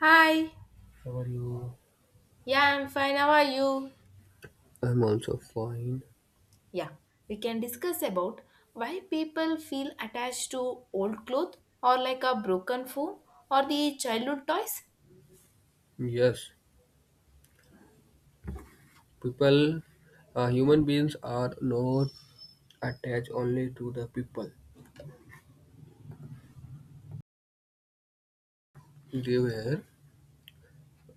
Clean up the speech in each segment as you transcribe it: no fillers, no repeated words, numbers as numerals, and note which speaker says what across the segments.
Speaker 1: Hi.
Speaker 2: How are you?
Speaker 1: Yeah, I'm fine. How are you?
Speaker 2: I'm also fine.
Speaker 1: Yeah, we can discuss about why people feel attached to old clothes or like a broken phone or the childhood toys.
Speaker 2: Yes, people, human beings are not attached only to the people. They were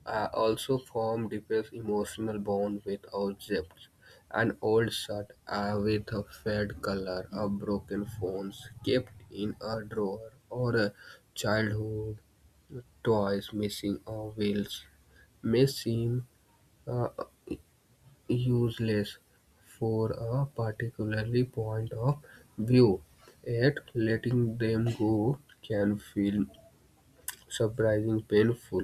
Speaker 2: also form deepest emotional bond with objects. An old shirt with a faded color, a broken phone kept in a drawer, or a childhood toys missing or wheels may seem useless for a particular point of view, yet letting them go can feel surprisingly painful.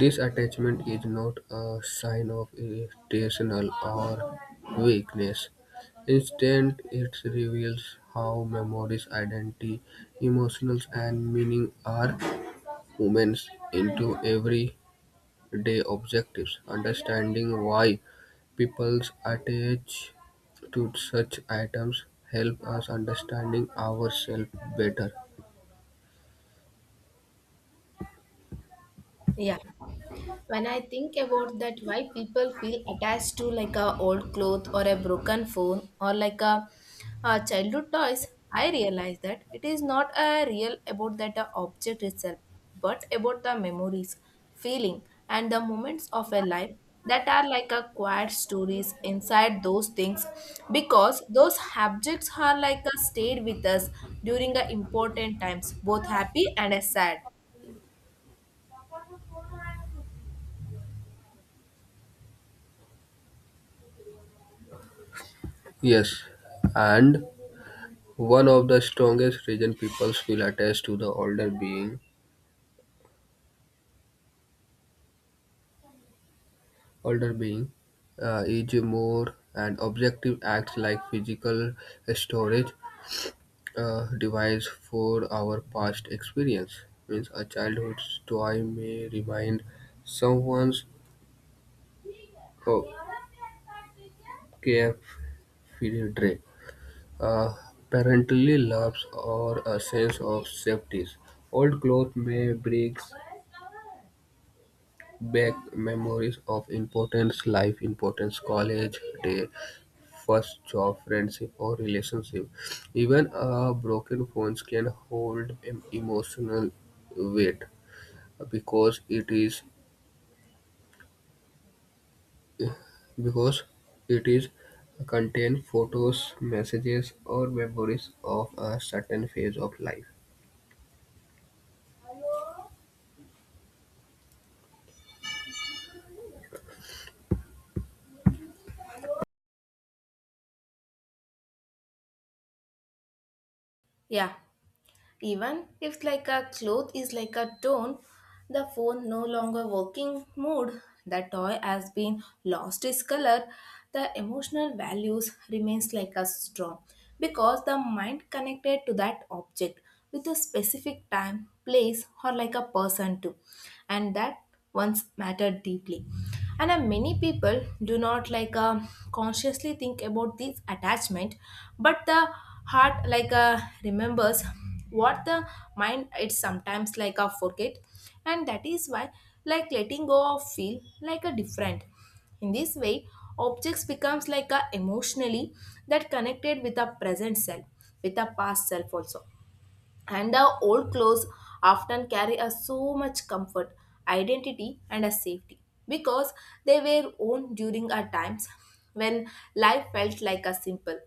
Speaker 2: This attachment is not a sign of irrational or weakness. Instead, it reveals how memories, identity, emotions, and meaning are woven into every day objectives, understanding why people attach to such items help us understanding ourselves better.
Speaker 1: Yeah. When I think about that why people feel attached to like a old cloth or a broken phone or like a childhood toys, I realize that it is not a real about that object itself but about the memories, feeling, and the moments of a life that are like a quiet stories inside those things because those objects are like a stayed with us during the important times, both happy and sad.
Speaker 2: Yes, and one of the strongest reason people feel attached to the older being, is more an objective acts like physical storage device for our past experience. Means a childhood's toy may remind someone's Care, Fear uh, parental loves, or a sense of safety. Old clothes may bring back memories of importance, life importance, college day, first job, friendship, or relationship. Even a broken phone can hold emotional weight because it is because it is contain photos, messages, or memories of a certain phase of life.
Speaker 1: Yeah. Even if like a cloth is like a tone, the phone no longer working mood, the toy has been lost its color, the emotional values remains like a strong because the mind connected to that object with a specific time, place or like a person too. And that once mattered deeply. And many people do not like consciously think about this attachment, but the heart like remembers what the mind it sometimes like forget, and that is why like letting go of feel like a different. In this way, objects becomes like a emotionally that connected with a present self, with a past self also, and the old clothes often carry us so much comfort, identity, and a safety because they were worn during our times when life felt like a simple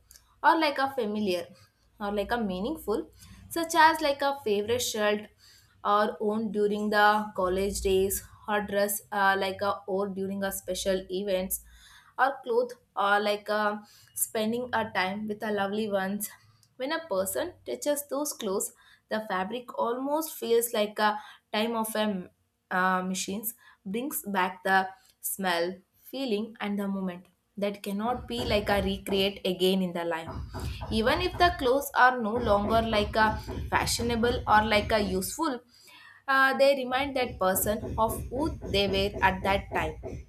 Speaker 1: or like a familiar or like a meaningful, such as like a favorite shirt or worn during the college days or dress like a or during a special events or clothes or like spending a time with our lovely ones. When a person touches those clothes, the fabric almost feels like a time of a machines brings back the smell, feeling, and the moment that cannot be like a recreate again in the life. Even if the clothes are no longer like a fashionable or like a useful, they remind that person of who they were at that time.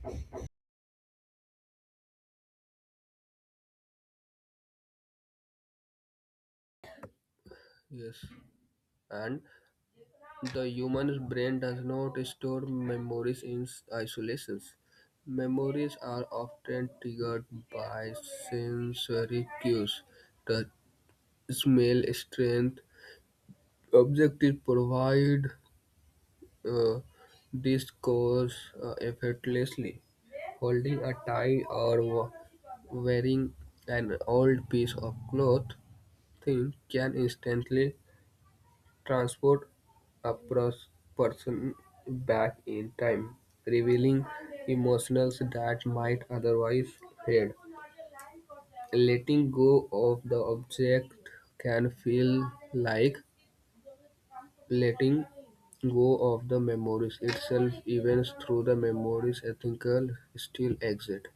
Speaker 2: Yes, and the human brain does not store memories in isolation. Memories are often triggered by sensory cues. The smell, strength, objective provide uh, this cause effortlessly. Holding a tie or wearing an old piece of cloth thing can instantly transport a person back in time, revealing emotions that might otherwise fade. Letting go of the object can feel like letting go of the memories itself, even through the memories ethical still exist.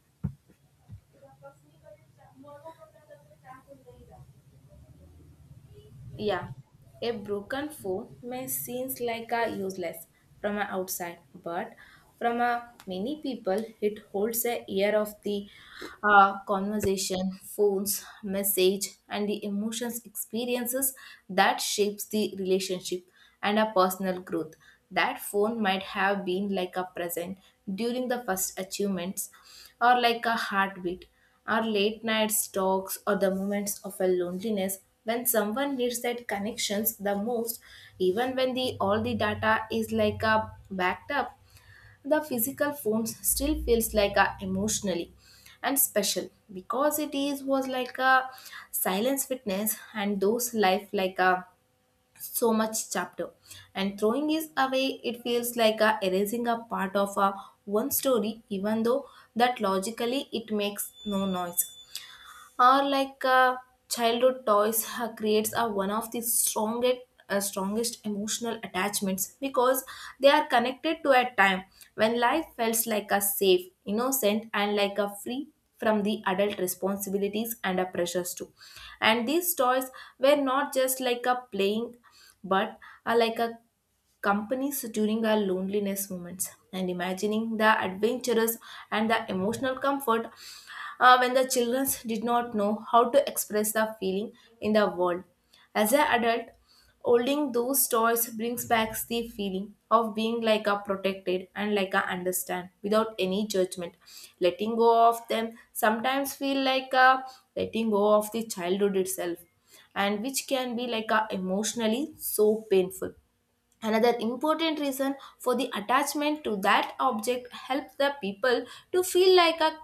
Speaker 1: Yeah, a broken phone may seem like a useless from a outside, but from a many people, it holds a ear of the conversation, phones, message, and the emotions experiences that shapes the relationship and a personal growth. That phone might have been like a present during the first achievements or like a heartbeat our late nights talks or the moments of a loneliness when someone needs that connections the most, even when the all the data is like a backed up, the physical phones still feels like a emotionally and special because it is was like a silence witness and those life like a so much chapter, and throwing is away it feels like a erasing a part of a one story, even though that logically it makes no noise. Or like childhood toys creates a one of the strongest emotional attachments because they are connected to a time when life felt like a safe innocent and like a free from the adult responsibilities and a pressures too, and these toys were not just like a playing but are like a companies during our loneliness moments and imagining the adventures and the emotional comfort when the children did not know how to express the feeling in the world. As an adult, holding those toys brings back the feeling of being like a protected and like a understand without any judgment. Letting go of them sometimes feel like a letting go of the childhood itself, and which can be like a emotionally so painful. Another important reason for the attachment to that object helps the people to feel like a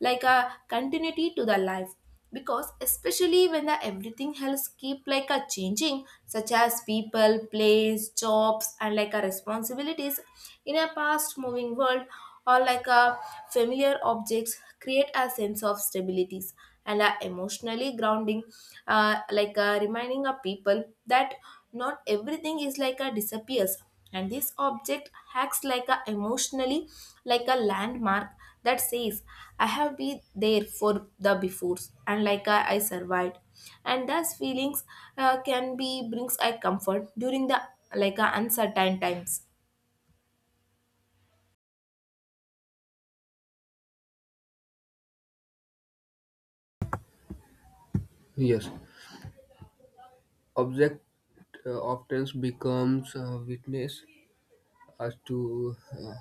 Speaker 1: continuity to the life because especially when the everything else keep like a changing, such as people place jobs and like a responsibilities in a fast moving world, or like a familiar objects create a sense of stabilities and are emotionally grounding, like reminding a people that not everything is like a disappears, and this object acts like a emotionally like a landmark that says I have been there for the befores, and like I survived, and thus feelings can be brings a comfort during the like uncertain times.
Speaker 2: Yes, object often becomes a witness as to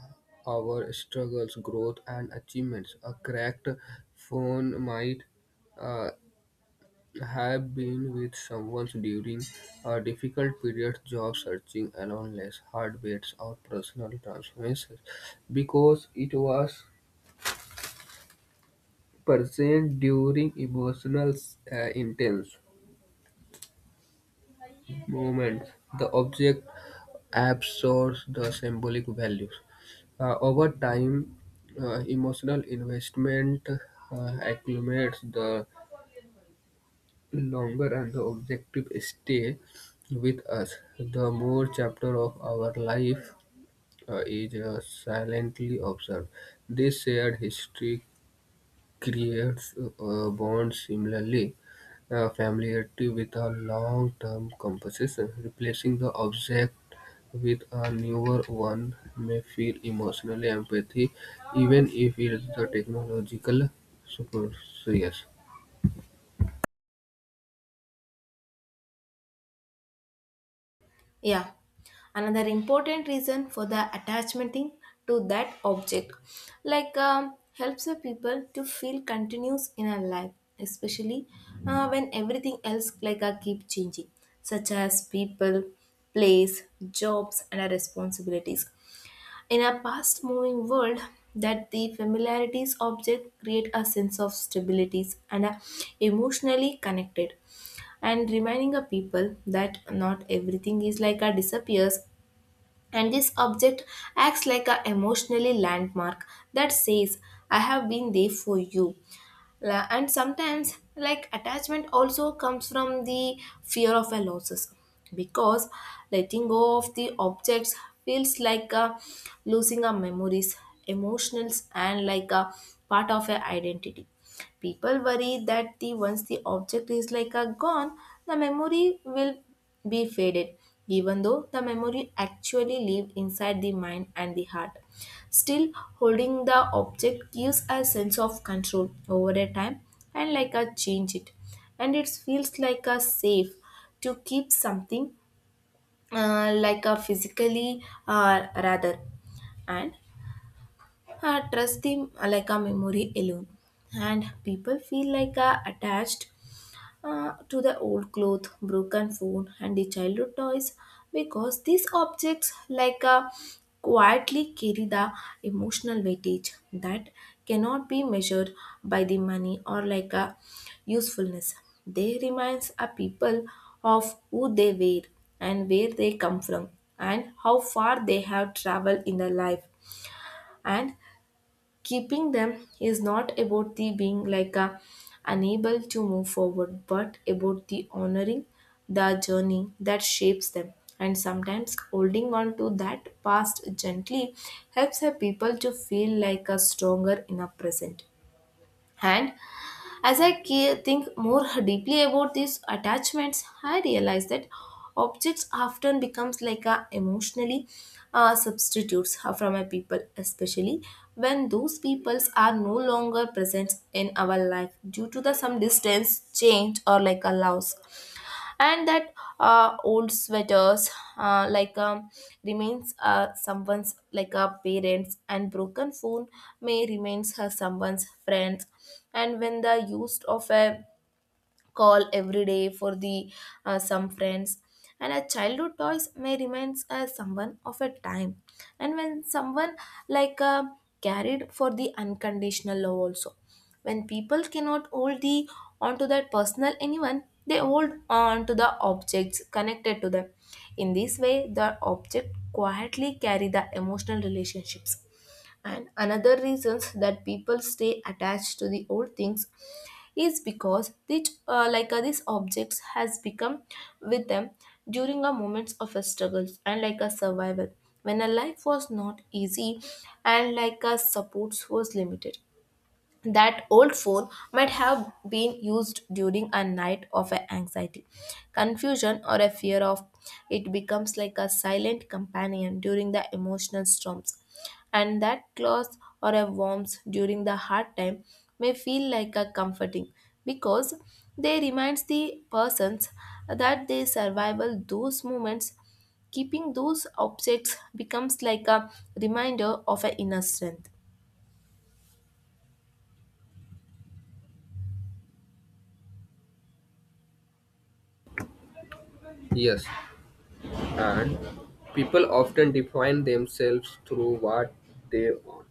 Speaker 2: our struggles, growth, and achievements. A cracked phone might uh, have been with someone during a difficult period, job searching, loneliness, heartbreaks, or personal transformations, because it was present during emotional intense movements, the object absorbs the symbolic values. Over time, emotional investment accumulates. The longer and the objective stay with us, the more chapter of our life is silently observed. This shared history creates bonds similarly familiarity with a long-term composition. Replacing the object with a newer one may feel emotional empathy, even if it is the technological superior.
Speaker 1: Yeah. Another important reason for the attachment thing to that object, like helps the people to feel continuous in our life, especially when everything else like keep changing, such as people, place, jobs, and our responsibilities. In a fast moving world, that the familiarities object create a sense of stabilities and are emotionally connected and reminding a people that not everything is like a disappears, and this object acts like a emotionally landmark that says I have been there for you. And sometimes like attachment also comes from the fear of a losses because letting go of the objects feels like losing our memories, emotions, and like a part of our identity. People worry that the once the object is like a gone, the memory will be faded, even though the memory actually live inside the mind and the heart. Still, holding the object gives a sense of control over a time and like a change it, and it feels like a safe to keep something like a physically rather, and trust them like a memory alone, and people feel like attached to the old clothes, broken phone, and the childhood toys because these objects like quietly carry the emotional weightage that cannot be measured by the money or like a usefulness. They reminds a people of who they were and where they come from and how far they have traveled in their life. And keeping them is not about the being like a unable to move forward, but about the honoring the journey that shapes them. And sometimes holding on to that past gently helps a people to feel like a stronger in a present. And as I think more deeply about these attachments, I realize that objects often becomes like a emotionally substitutes from a people, especially when those peoples are no longer present in our life due to the some distance, change, or like a loss, and that old sweaters like remains someone's like a parents, and broken phone may remains her someone's friends, and when the used of a call every day for the some friends, and a childhood toys may remains as someone of a time, and when someone like carried for the unconditional love also, when people cannot hold the onto that personal anyone they hold on to the objects connected to them. In this way the object quietly carry the emotional relationships. And another reasons that people stay attached to the old things is because these these objects has become with them during a moments of a struggles and like a survival when a life was not easy and like a supports was limited. That old phone might have been used during a night of a anxiety, confusion or a fear of it becomes like a silent companion during the emotional storms, and that cloth or a warmth during the hard time may feel like a comforting because they reminds the persons that they survival those moments. Keeping those objects becomes like a reminder of an inner strength.
Speaker 2: Yes, and people often define themselves through what they own.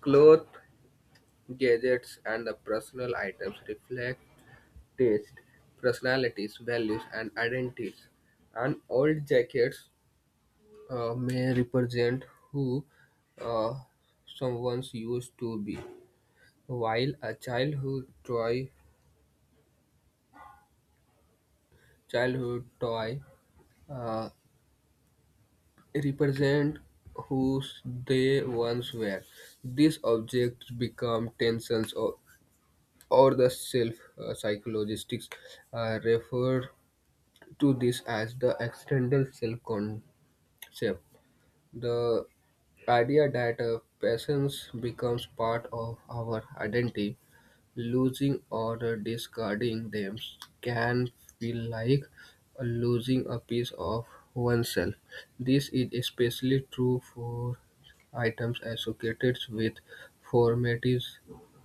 Speaker 2: Clothes, gadgets, and the personal items reflect taste, personalities, values, and identities. And old jackets may represent who uh, someone used to be, while a childhood toy uh, represent who they once were. These objects become tensions or the self psychologists refer to this as the external self concept. The idea that a presence becomes part of our identity, losing or discarding them can feel like losing a piece of oneself. This is especially true for items associated with formative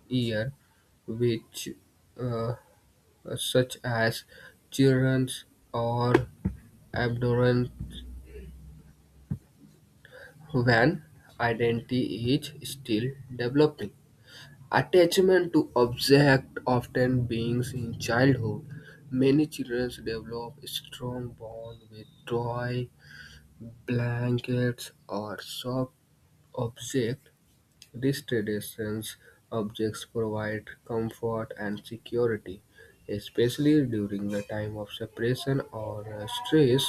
Speaker 2: year, which uh, such as children's or adolescent When identity is still developing. Attachment to object often beings in childhood. Many children develop strong bond with toy, blankets, or soft object. These traditions objects provide comfort and security, especially during the time of separation or stress.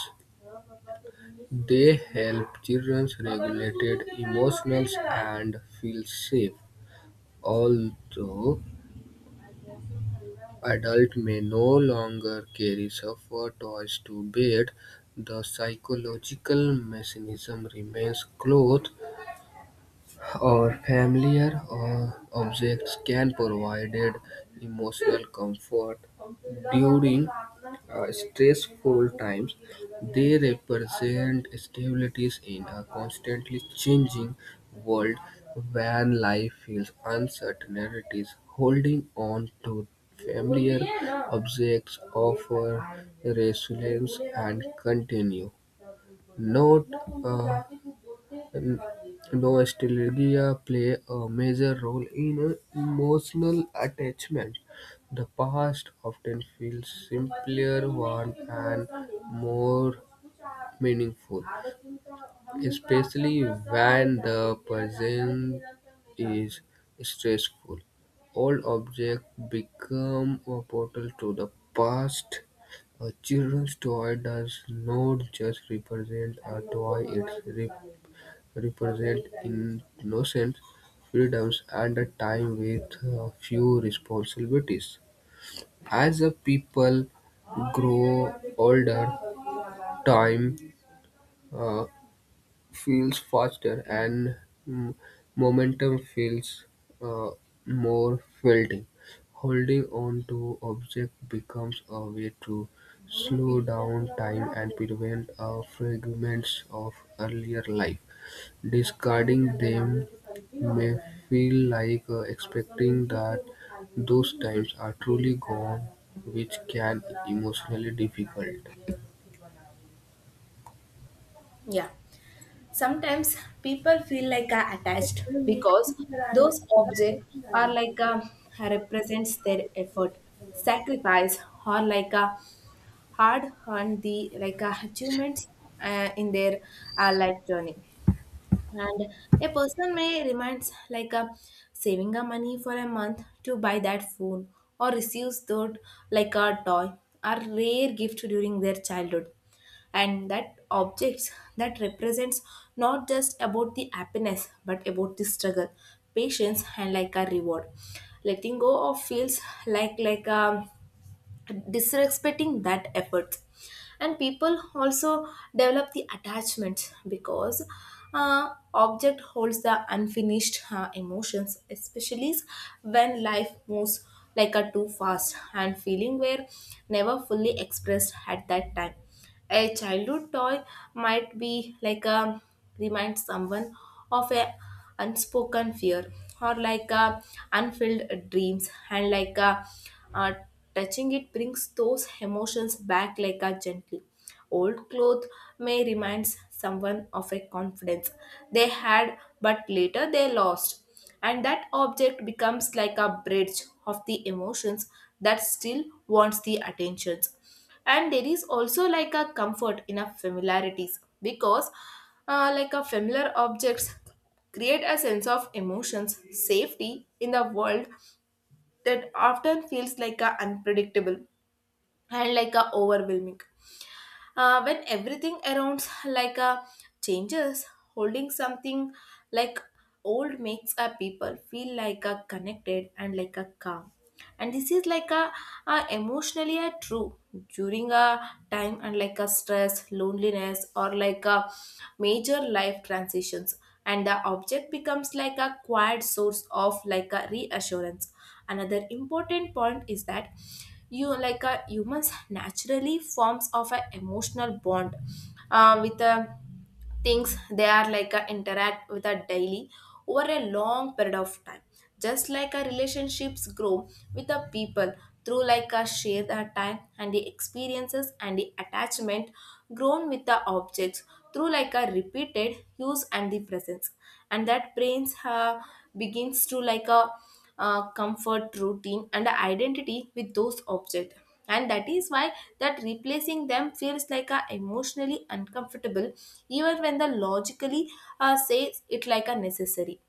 Speaker 2: They help children regulate emotions and feel safe, although adults may no longer carry suffer toys to bed, the psychological mechanism remains close or familiar objects can provide emotional comfort during stressful times. They represent stabilities in a constantly changing world when life feels uncertainties. Holding on to familiar objects offer resilience and continue Note uh, nostalgia play a major role in emotional attachment. The past often feels simpler, warm, and more meaningful, especially when the present is stressful. Old objects become a portal to the past. A children's toy does not just represent a toy, it represents innocence, freedoms, and a time with few responsibilities. As a people grow older, time uh, feels faster, and mm, momentum feels uh, more felting. Holding on to object becomes a way to slow down time and prevent fragments of earlier life. Discarding them may feel like expecting that those times are truly gone, which can emotionally difficult.
Speaker 1: Yeah. Sometimes people feel like attached because those objects are like represents their effort, sacrifice, or like a hard earned the like achievements in their life journey. And a person may reminds like a saving a money for a month to buy that phone or receives that like a toy or rare gift during their childhood. And that objects that represents not just about the happiness but about the struggle, patience and like a reward. Letting go of feels like a disrespecting that effort, and people also develop the attachment because object holds the unfinished emotions, especially when life moves like a too fast and feeling were never fully expressed at that time. A childhood toy might be like a remind someone of a unspoken fear or like a unfilled dreams and like a uh, touching it brings those emotions back like a gently. Old cloth may remind someone of a confidence they had but later they lost, and that object becomes like a bridge of the emotions that still wants the attentions. And there is also like a comfort in a familiarities because like a familiar objects create a sense of emotions safety in the world that often feels like a unpredictable and like a overwhelming when everything around changes. Holding something like old makes a people feel like a connected and like a calm, and this is like a emotionally a true during a time and like a stress loneliness or like a major life transitions, and the object becomes like a quiet source of like a reassurance. Another important point is that you like a humans naturally forms of an emotional bond with a things they are like a interact with a daily over a long period of time, just like our relationships grow with the people through like a shared time and the experiences, and the attachment grown with the objects through like a repeated use and the presence. And that brains have begins to like a comfort routine and a identity with those objects, and that is why that replacing them feels like a emotionally uncomfortable even when the logically says it like a necessary.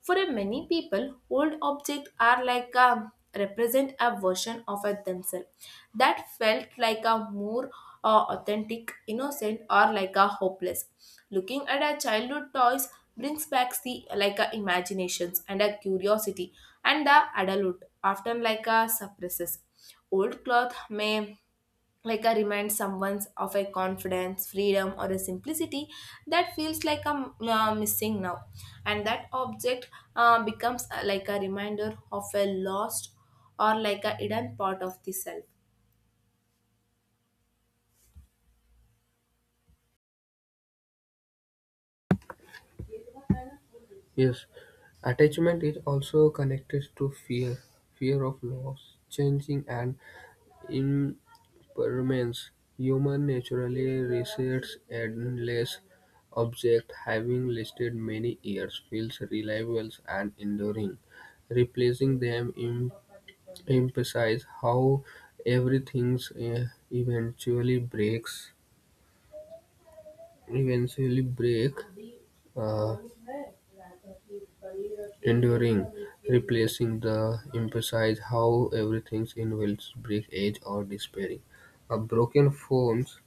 Speaker 1: For a many people, old objects are like a represent a version of a themselves that felt like a more authentic, innocent, or like a hopeless. Looking at our childhood toys brings back the like a imaginations and a curiosity, and the adult often like a suppresses. Old cloth may like a remind someone of a confidence freedom or a simplicity that feels like I'm missing now, and that object becomes like a reminder of a lost or like a hidden part of the self.
Speaker 2: Yes, attachment is also connected to fear, fear of loss, changing, and impermanence. Human naturally resists endless object having lasted many years, feels reliable and enduring. Replacing them emphasizes how everything eventually breaks, eventually break uh, enduring, replacing the emphasize how everything involves break edge or despairing. A broken phones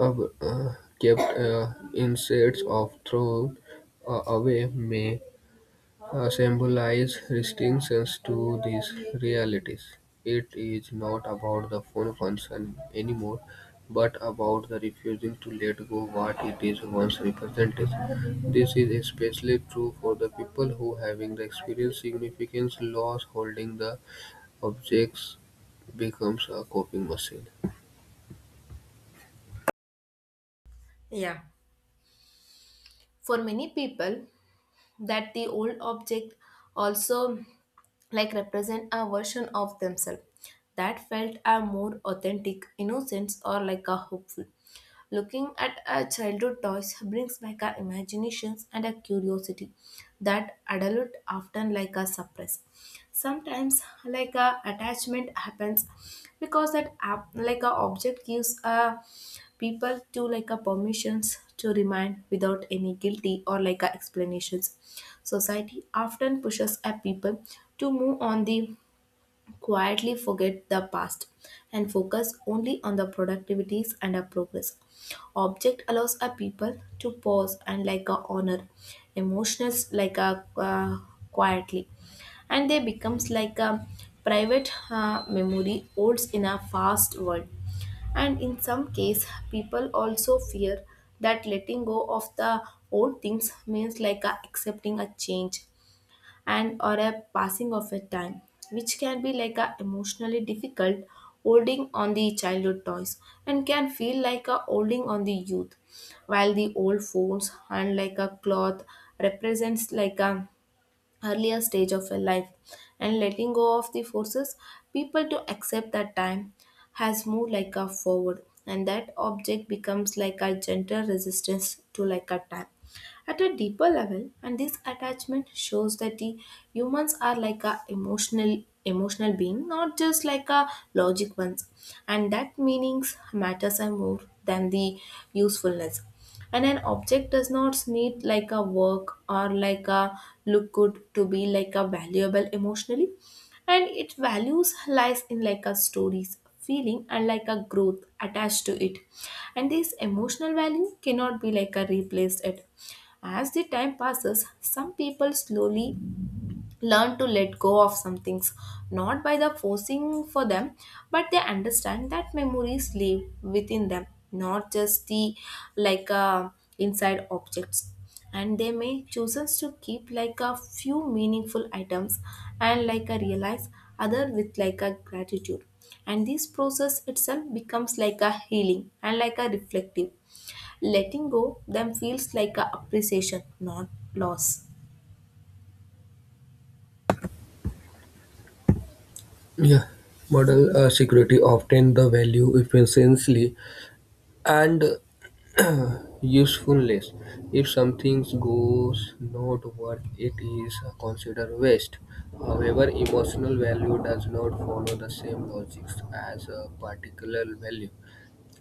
Speaker 2: uh, uh, kept insets of thrown away may symbolize distinctions to these realities. It is not about the phone function anymore, but about the refusing to let go what it is once represented. This is especially true for the people who having the experienced significant loss holding the objects becomes a coping machine.
Speaker 1: Yeah, for many people, that the old object also like represent a version of themselves that felt a more authentic innocence or like a hopeful. Looking at a childhood toys brings back our imaginations and a curiosity that adult often like a suppress. Sometimes like a attachment happens because that app like a object gives a people to like a permissions to remain without any guilty or like a explanations. Society often pushes a people to move on the quietly forget the past and focus only on the productivities and our progress. Object allows a people to pause and like a honor, emotions like a quietly, and they becomes like a private memory holds in a fast world. And in some case, people also fear that letting go of the old things means like a accepting a change and or a passing of a time, which can be like a emotionally difficult. Holding on the childhood toys and can feel like a holding on the youth, while the old phones and like a cloth represents like a earlier stage of a life, and letting go of the forces people to accept that time has moved like a forward, and that object becomes like a gentle resistance to like a time. At a deeper level, and this attachment shows that the humans are like a emotional being, not just like a logic ones, and that meanings matters are more than the usefulness, and an object does not need like a work or like a look good to be like a valuable emotionally, and its values lies in like a stories feeling and like a growth attached to it, and this emotional value cannot be like a replaced it. As the time passes, some people slowly learn to let go of some things, not by the forcing for them, but they understand that memories live within them, not just the like uh, inside objects, and they may chooses to keep like a few meaningful items and like a realize other with like a gratitude, and this process itself becomes like a healing and like a reflective. Letting go them feels like a appreciation, not loss.
Speaker 2: Yeah, model security obtain the value efficiently and usefulness. If something goes not what it is considered waste. However, emotional value does not follow the same logics as a particular value.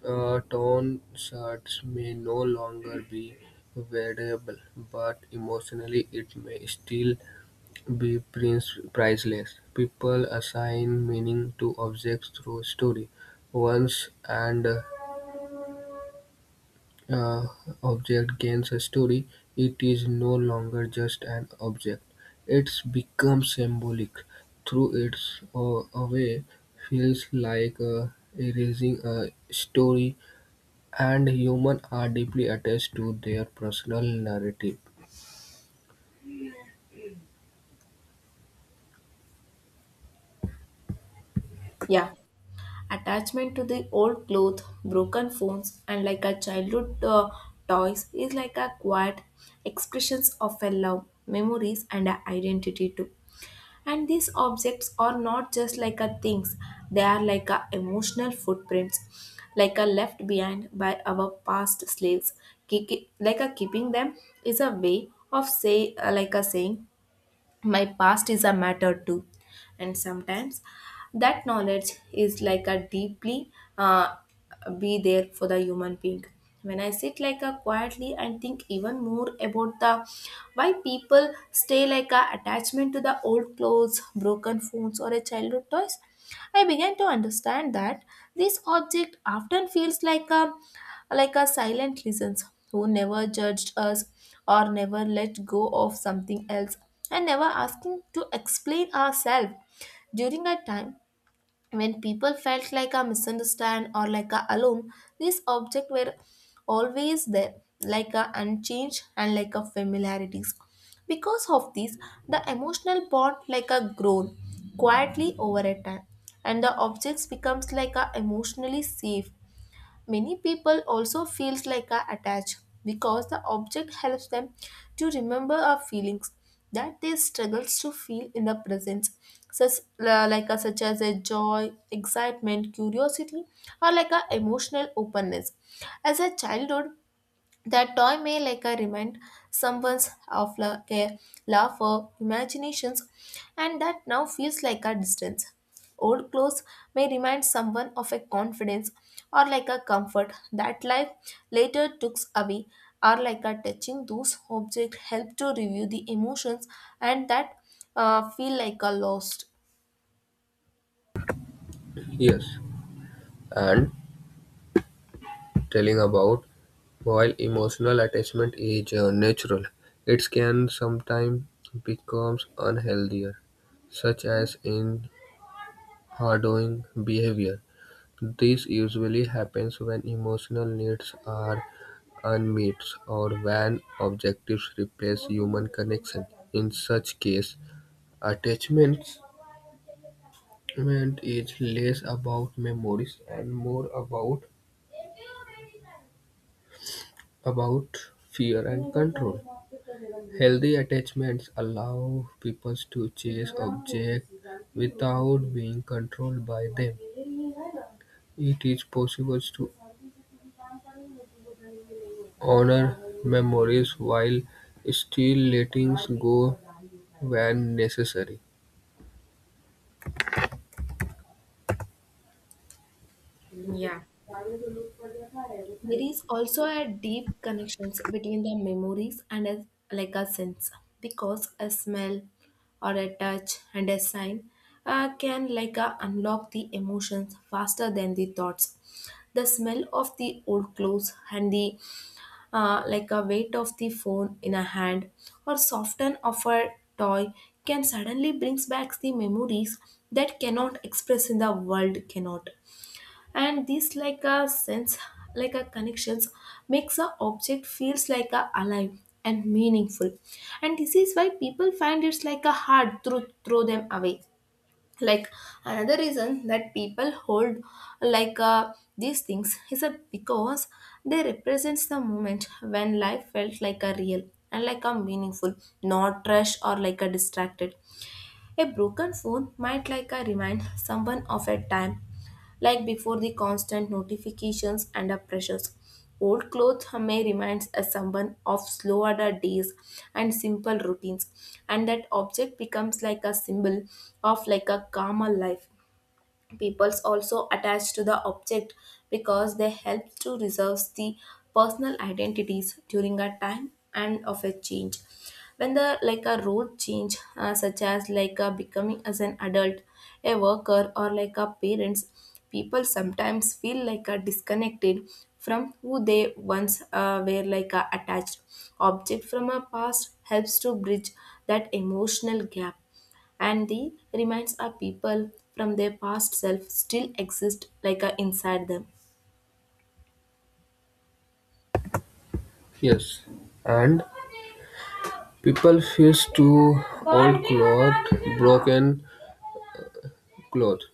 Speaker 2: Torn shirts may no longer be wearable, but emotionally it may still be priceless. People assign meaning to objects through story, once and uh, object gains a story, it is no longer just an object. It becomes symbolic. Through its away, feels like erasing a story, and humans are deeply attached to their personal narrative.
Speaker 1: Yeah. Attachment to the old clothes, broken phones, and like a childhood toys is like a quiet expressions of a love, memories, and a identity too. And these objects are not just like a things; they are like a emotional footprints, like a left behind by our past slaves. Like a keeping them is a way of say, like a saying, my past is a matter too, and sometimes that knowledge is like a deeply uh, be there for the human being. When I sit like a quietly and think even more about the why people stay like a attachment to the old clothes broken phones or a childhood toys, I began to understand that this object often feels like a silent listens who never judged us or never let go of something else and never asking to explain ourselves during a time when people felt like a misunderstand or like a alone, these objects were always there, like a unchanged and like a familiarities. Because of this, the emotional bond like a grown quietly over a time, and the objects becomes like a emotionally safe. Many people also feels like are attached because the object helps them to remember our feelings that they struggles to feel in the presence, such like a, such as a joy, excitement, curiosity, or like a emotional openness. As a childhood, that toy may like a remind someone's of like a love for imaginations and that now feels like a distance. Old clothes may remind someone of a confidence or like a comfort that life later took away, or like a touching those objects help to review the emotions and that feel like a lost.
Speaker 2: Yes, and telling about while emotional attachment is natural, it can sometimes becomes unhealthier such as in hoarding behavior: this usually happens when emotional needs are unmet or when objectives replace human connection. In such cases, attachment is less about memories and more about fear and control. Healthy attachments allow people to chase objects without being controlled by them. It is possible to honor memories while still letting go when necessary.
Speaker 1: Yeah. There is also a deep connections between the memories and a, like a sense, because a smell or a touch and a sign can like a unlock the emotions faster than the thoughts. The smell of the old clothes and the like a weight of the phone in a hand or soften of a toy can suddenly brings back the memories that cannot express in the world cannot, and this like a sense like a connections makes a object feels like a alive and meaningful, and this is why people find it's like a hard to throw them away. Like another reason that people hold like uh, these things is a because they represents the moment when life felt like a real and like a meaningful, not trash or like a distracted. A broken phone might like a remind someone of a time like before the constant notifications and the pressures. Old clothes may remind us someone of slower days and simple routines, and that object becomes like a symbol of like a calmer life. Peoples also attached to the object because they help to reserve the personal identities during a time and of a change. When the like a road change such as like a becoming as an adult, a worker, or like a parents, people sometimes feel like a disconnected from who they once were like a attached. Object from a past helps to bridge that emotional gap, and the remains of people from their past self still exist like a inside them.
Speaker 2: Yes, and people feel to old clothes, broken clothes,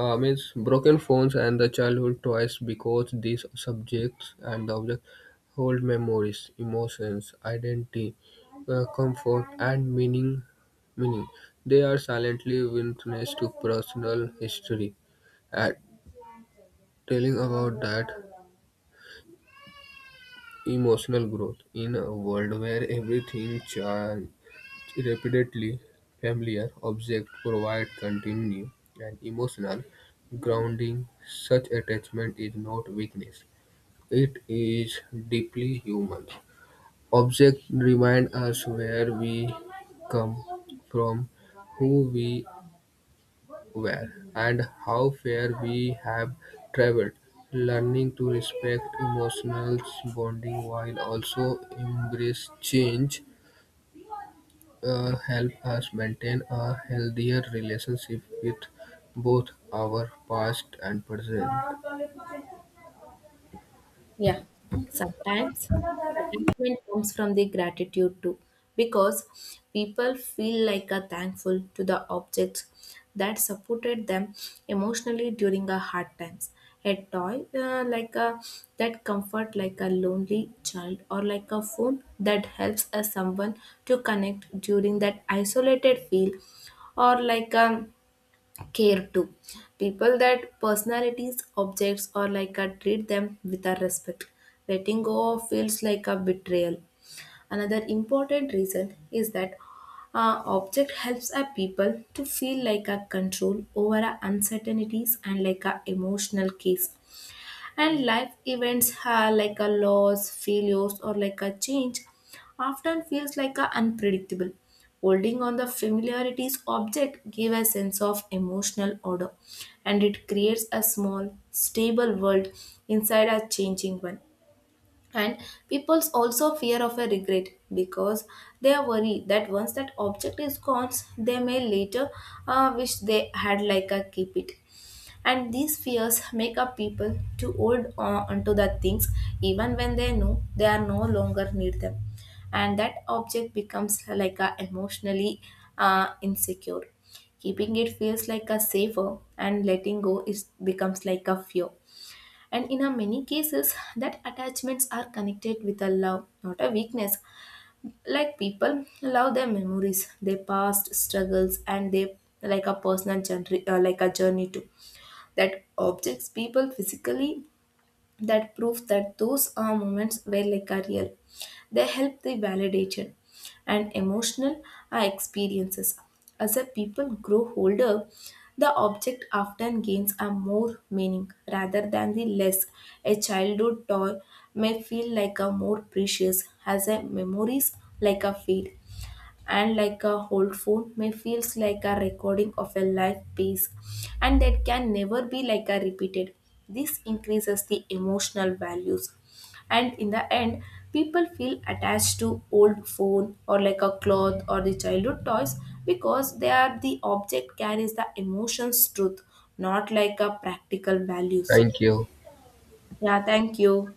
Speaker 2: Means broken phones and the childhood toys because these subjects and objects hold memories, emotions, identity, comfort, and meaning. Meaning, they are silently witness to personal history and telling about that emotional growth in a world where everything repeatedly familiar objects provide continuity and emotional grounding. Such attachment is not weakness; it is deeply human. Objects remind us where we come from, who we were, and how far we have traveled. Learning to respect emotional bonding while also embrace change help us maintain a healthier relationship with both our past and present.
Speaker 1: Yeah, sometimes attachment comes from the gratitude too because people feel like a thankful to the objects that supported them emotionally during a hard times. A toy like a that comfort like a lonely child, or like a phone that helps a someone to connect during that isolated feel, or like a care too. People that personalities, objects, or like a treat them with a respect. Letting go of feels like a betrayal. Another important reason is that object helps a people to feel like a control over a uncertainties and like a emotional case, and life events are like a loss failures or like a change often feels like a unpredictable. Holding on the familiarities object give a sense of emotional order, and it creates a small stable world inside a changing one. And people also fear of a regret because they are worried that once that object is gone they may later wish they had like a keep it, and these fears make up people to hold on onto the things even when they know they are no longer need them. And that object becomes like a emotionally insecure. Keeping it feels like a safer, and letting go is becomes like a fear. And in a many cases, that attachments are connected with a love, not a weakness. Like people love their memories, their past struggles, and their like a personal journey, like a journey too. That objects people physically that prove that those are moments were like are real. They help the validation and emotional are experiences. As the people grow older, the object often gains a more meaning rather than the less. A childhood toy may feel like a more precious as a memories like a fade, and like a old phone may feels like a recording of a life piece, and that can never be like a repeated. This increases the emotional values, and in the end, people feel attached to old phone or like a cloth or the childhood toys because they are the object carries the emotions truth, not like a practical values.
Speaker 2: Thank you.
Speaker 1: Yeah, thank you.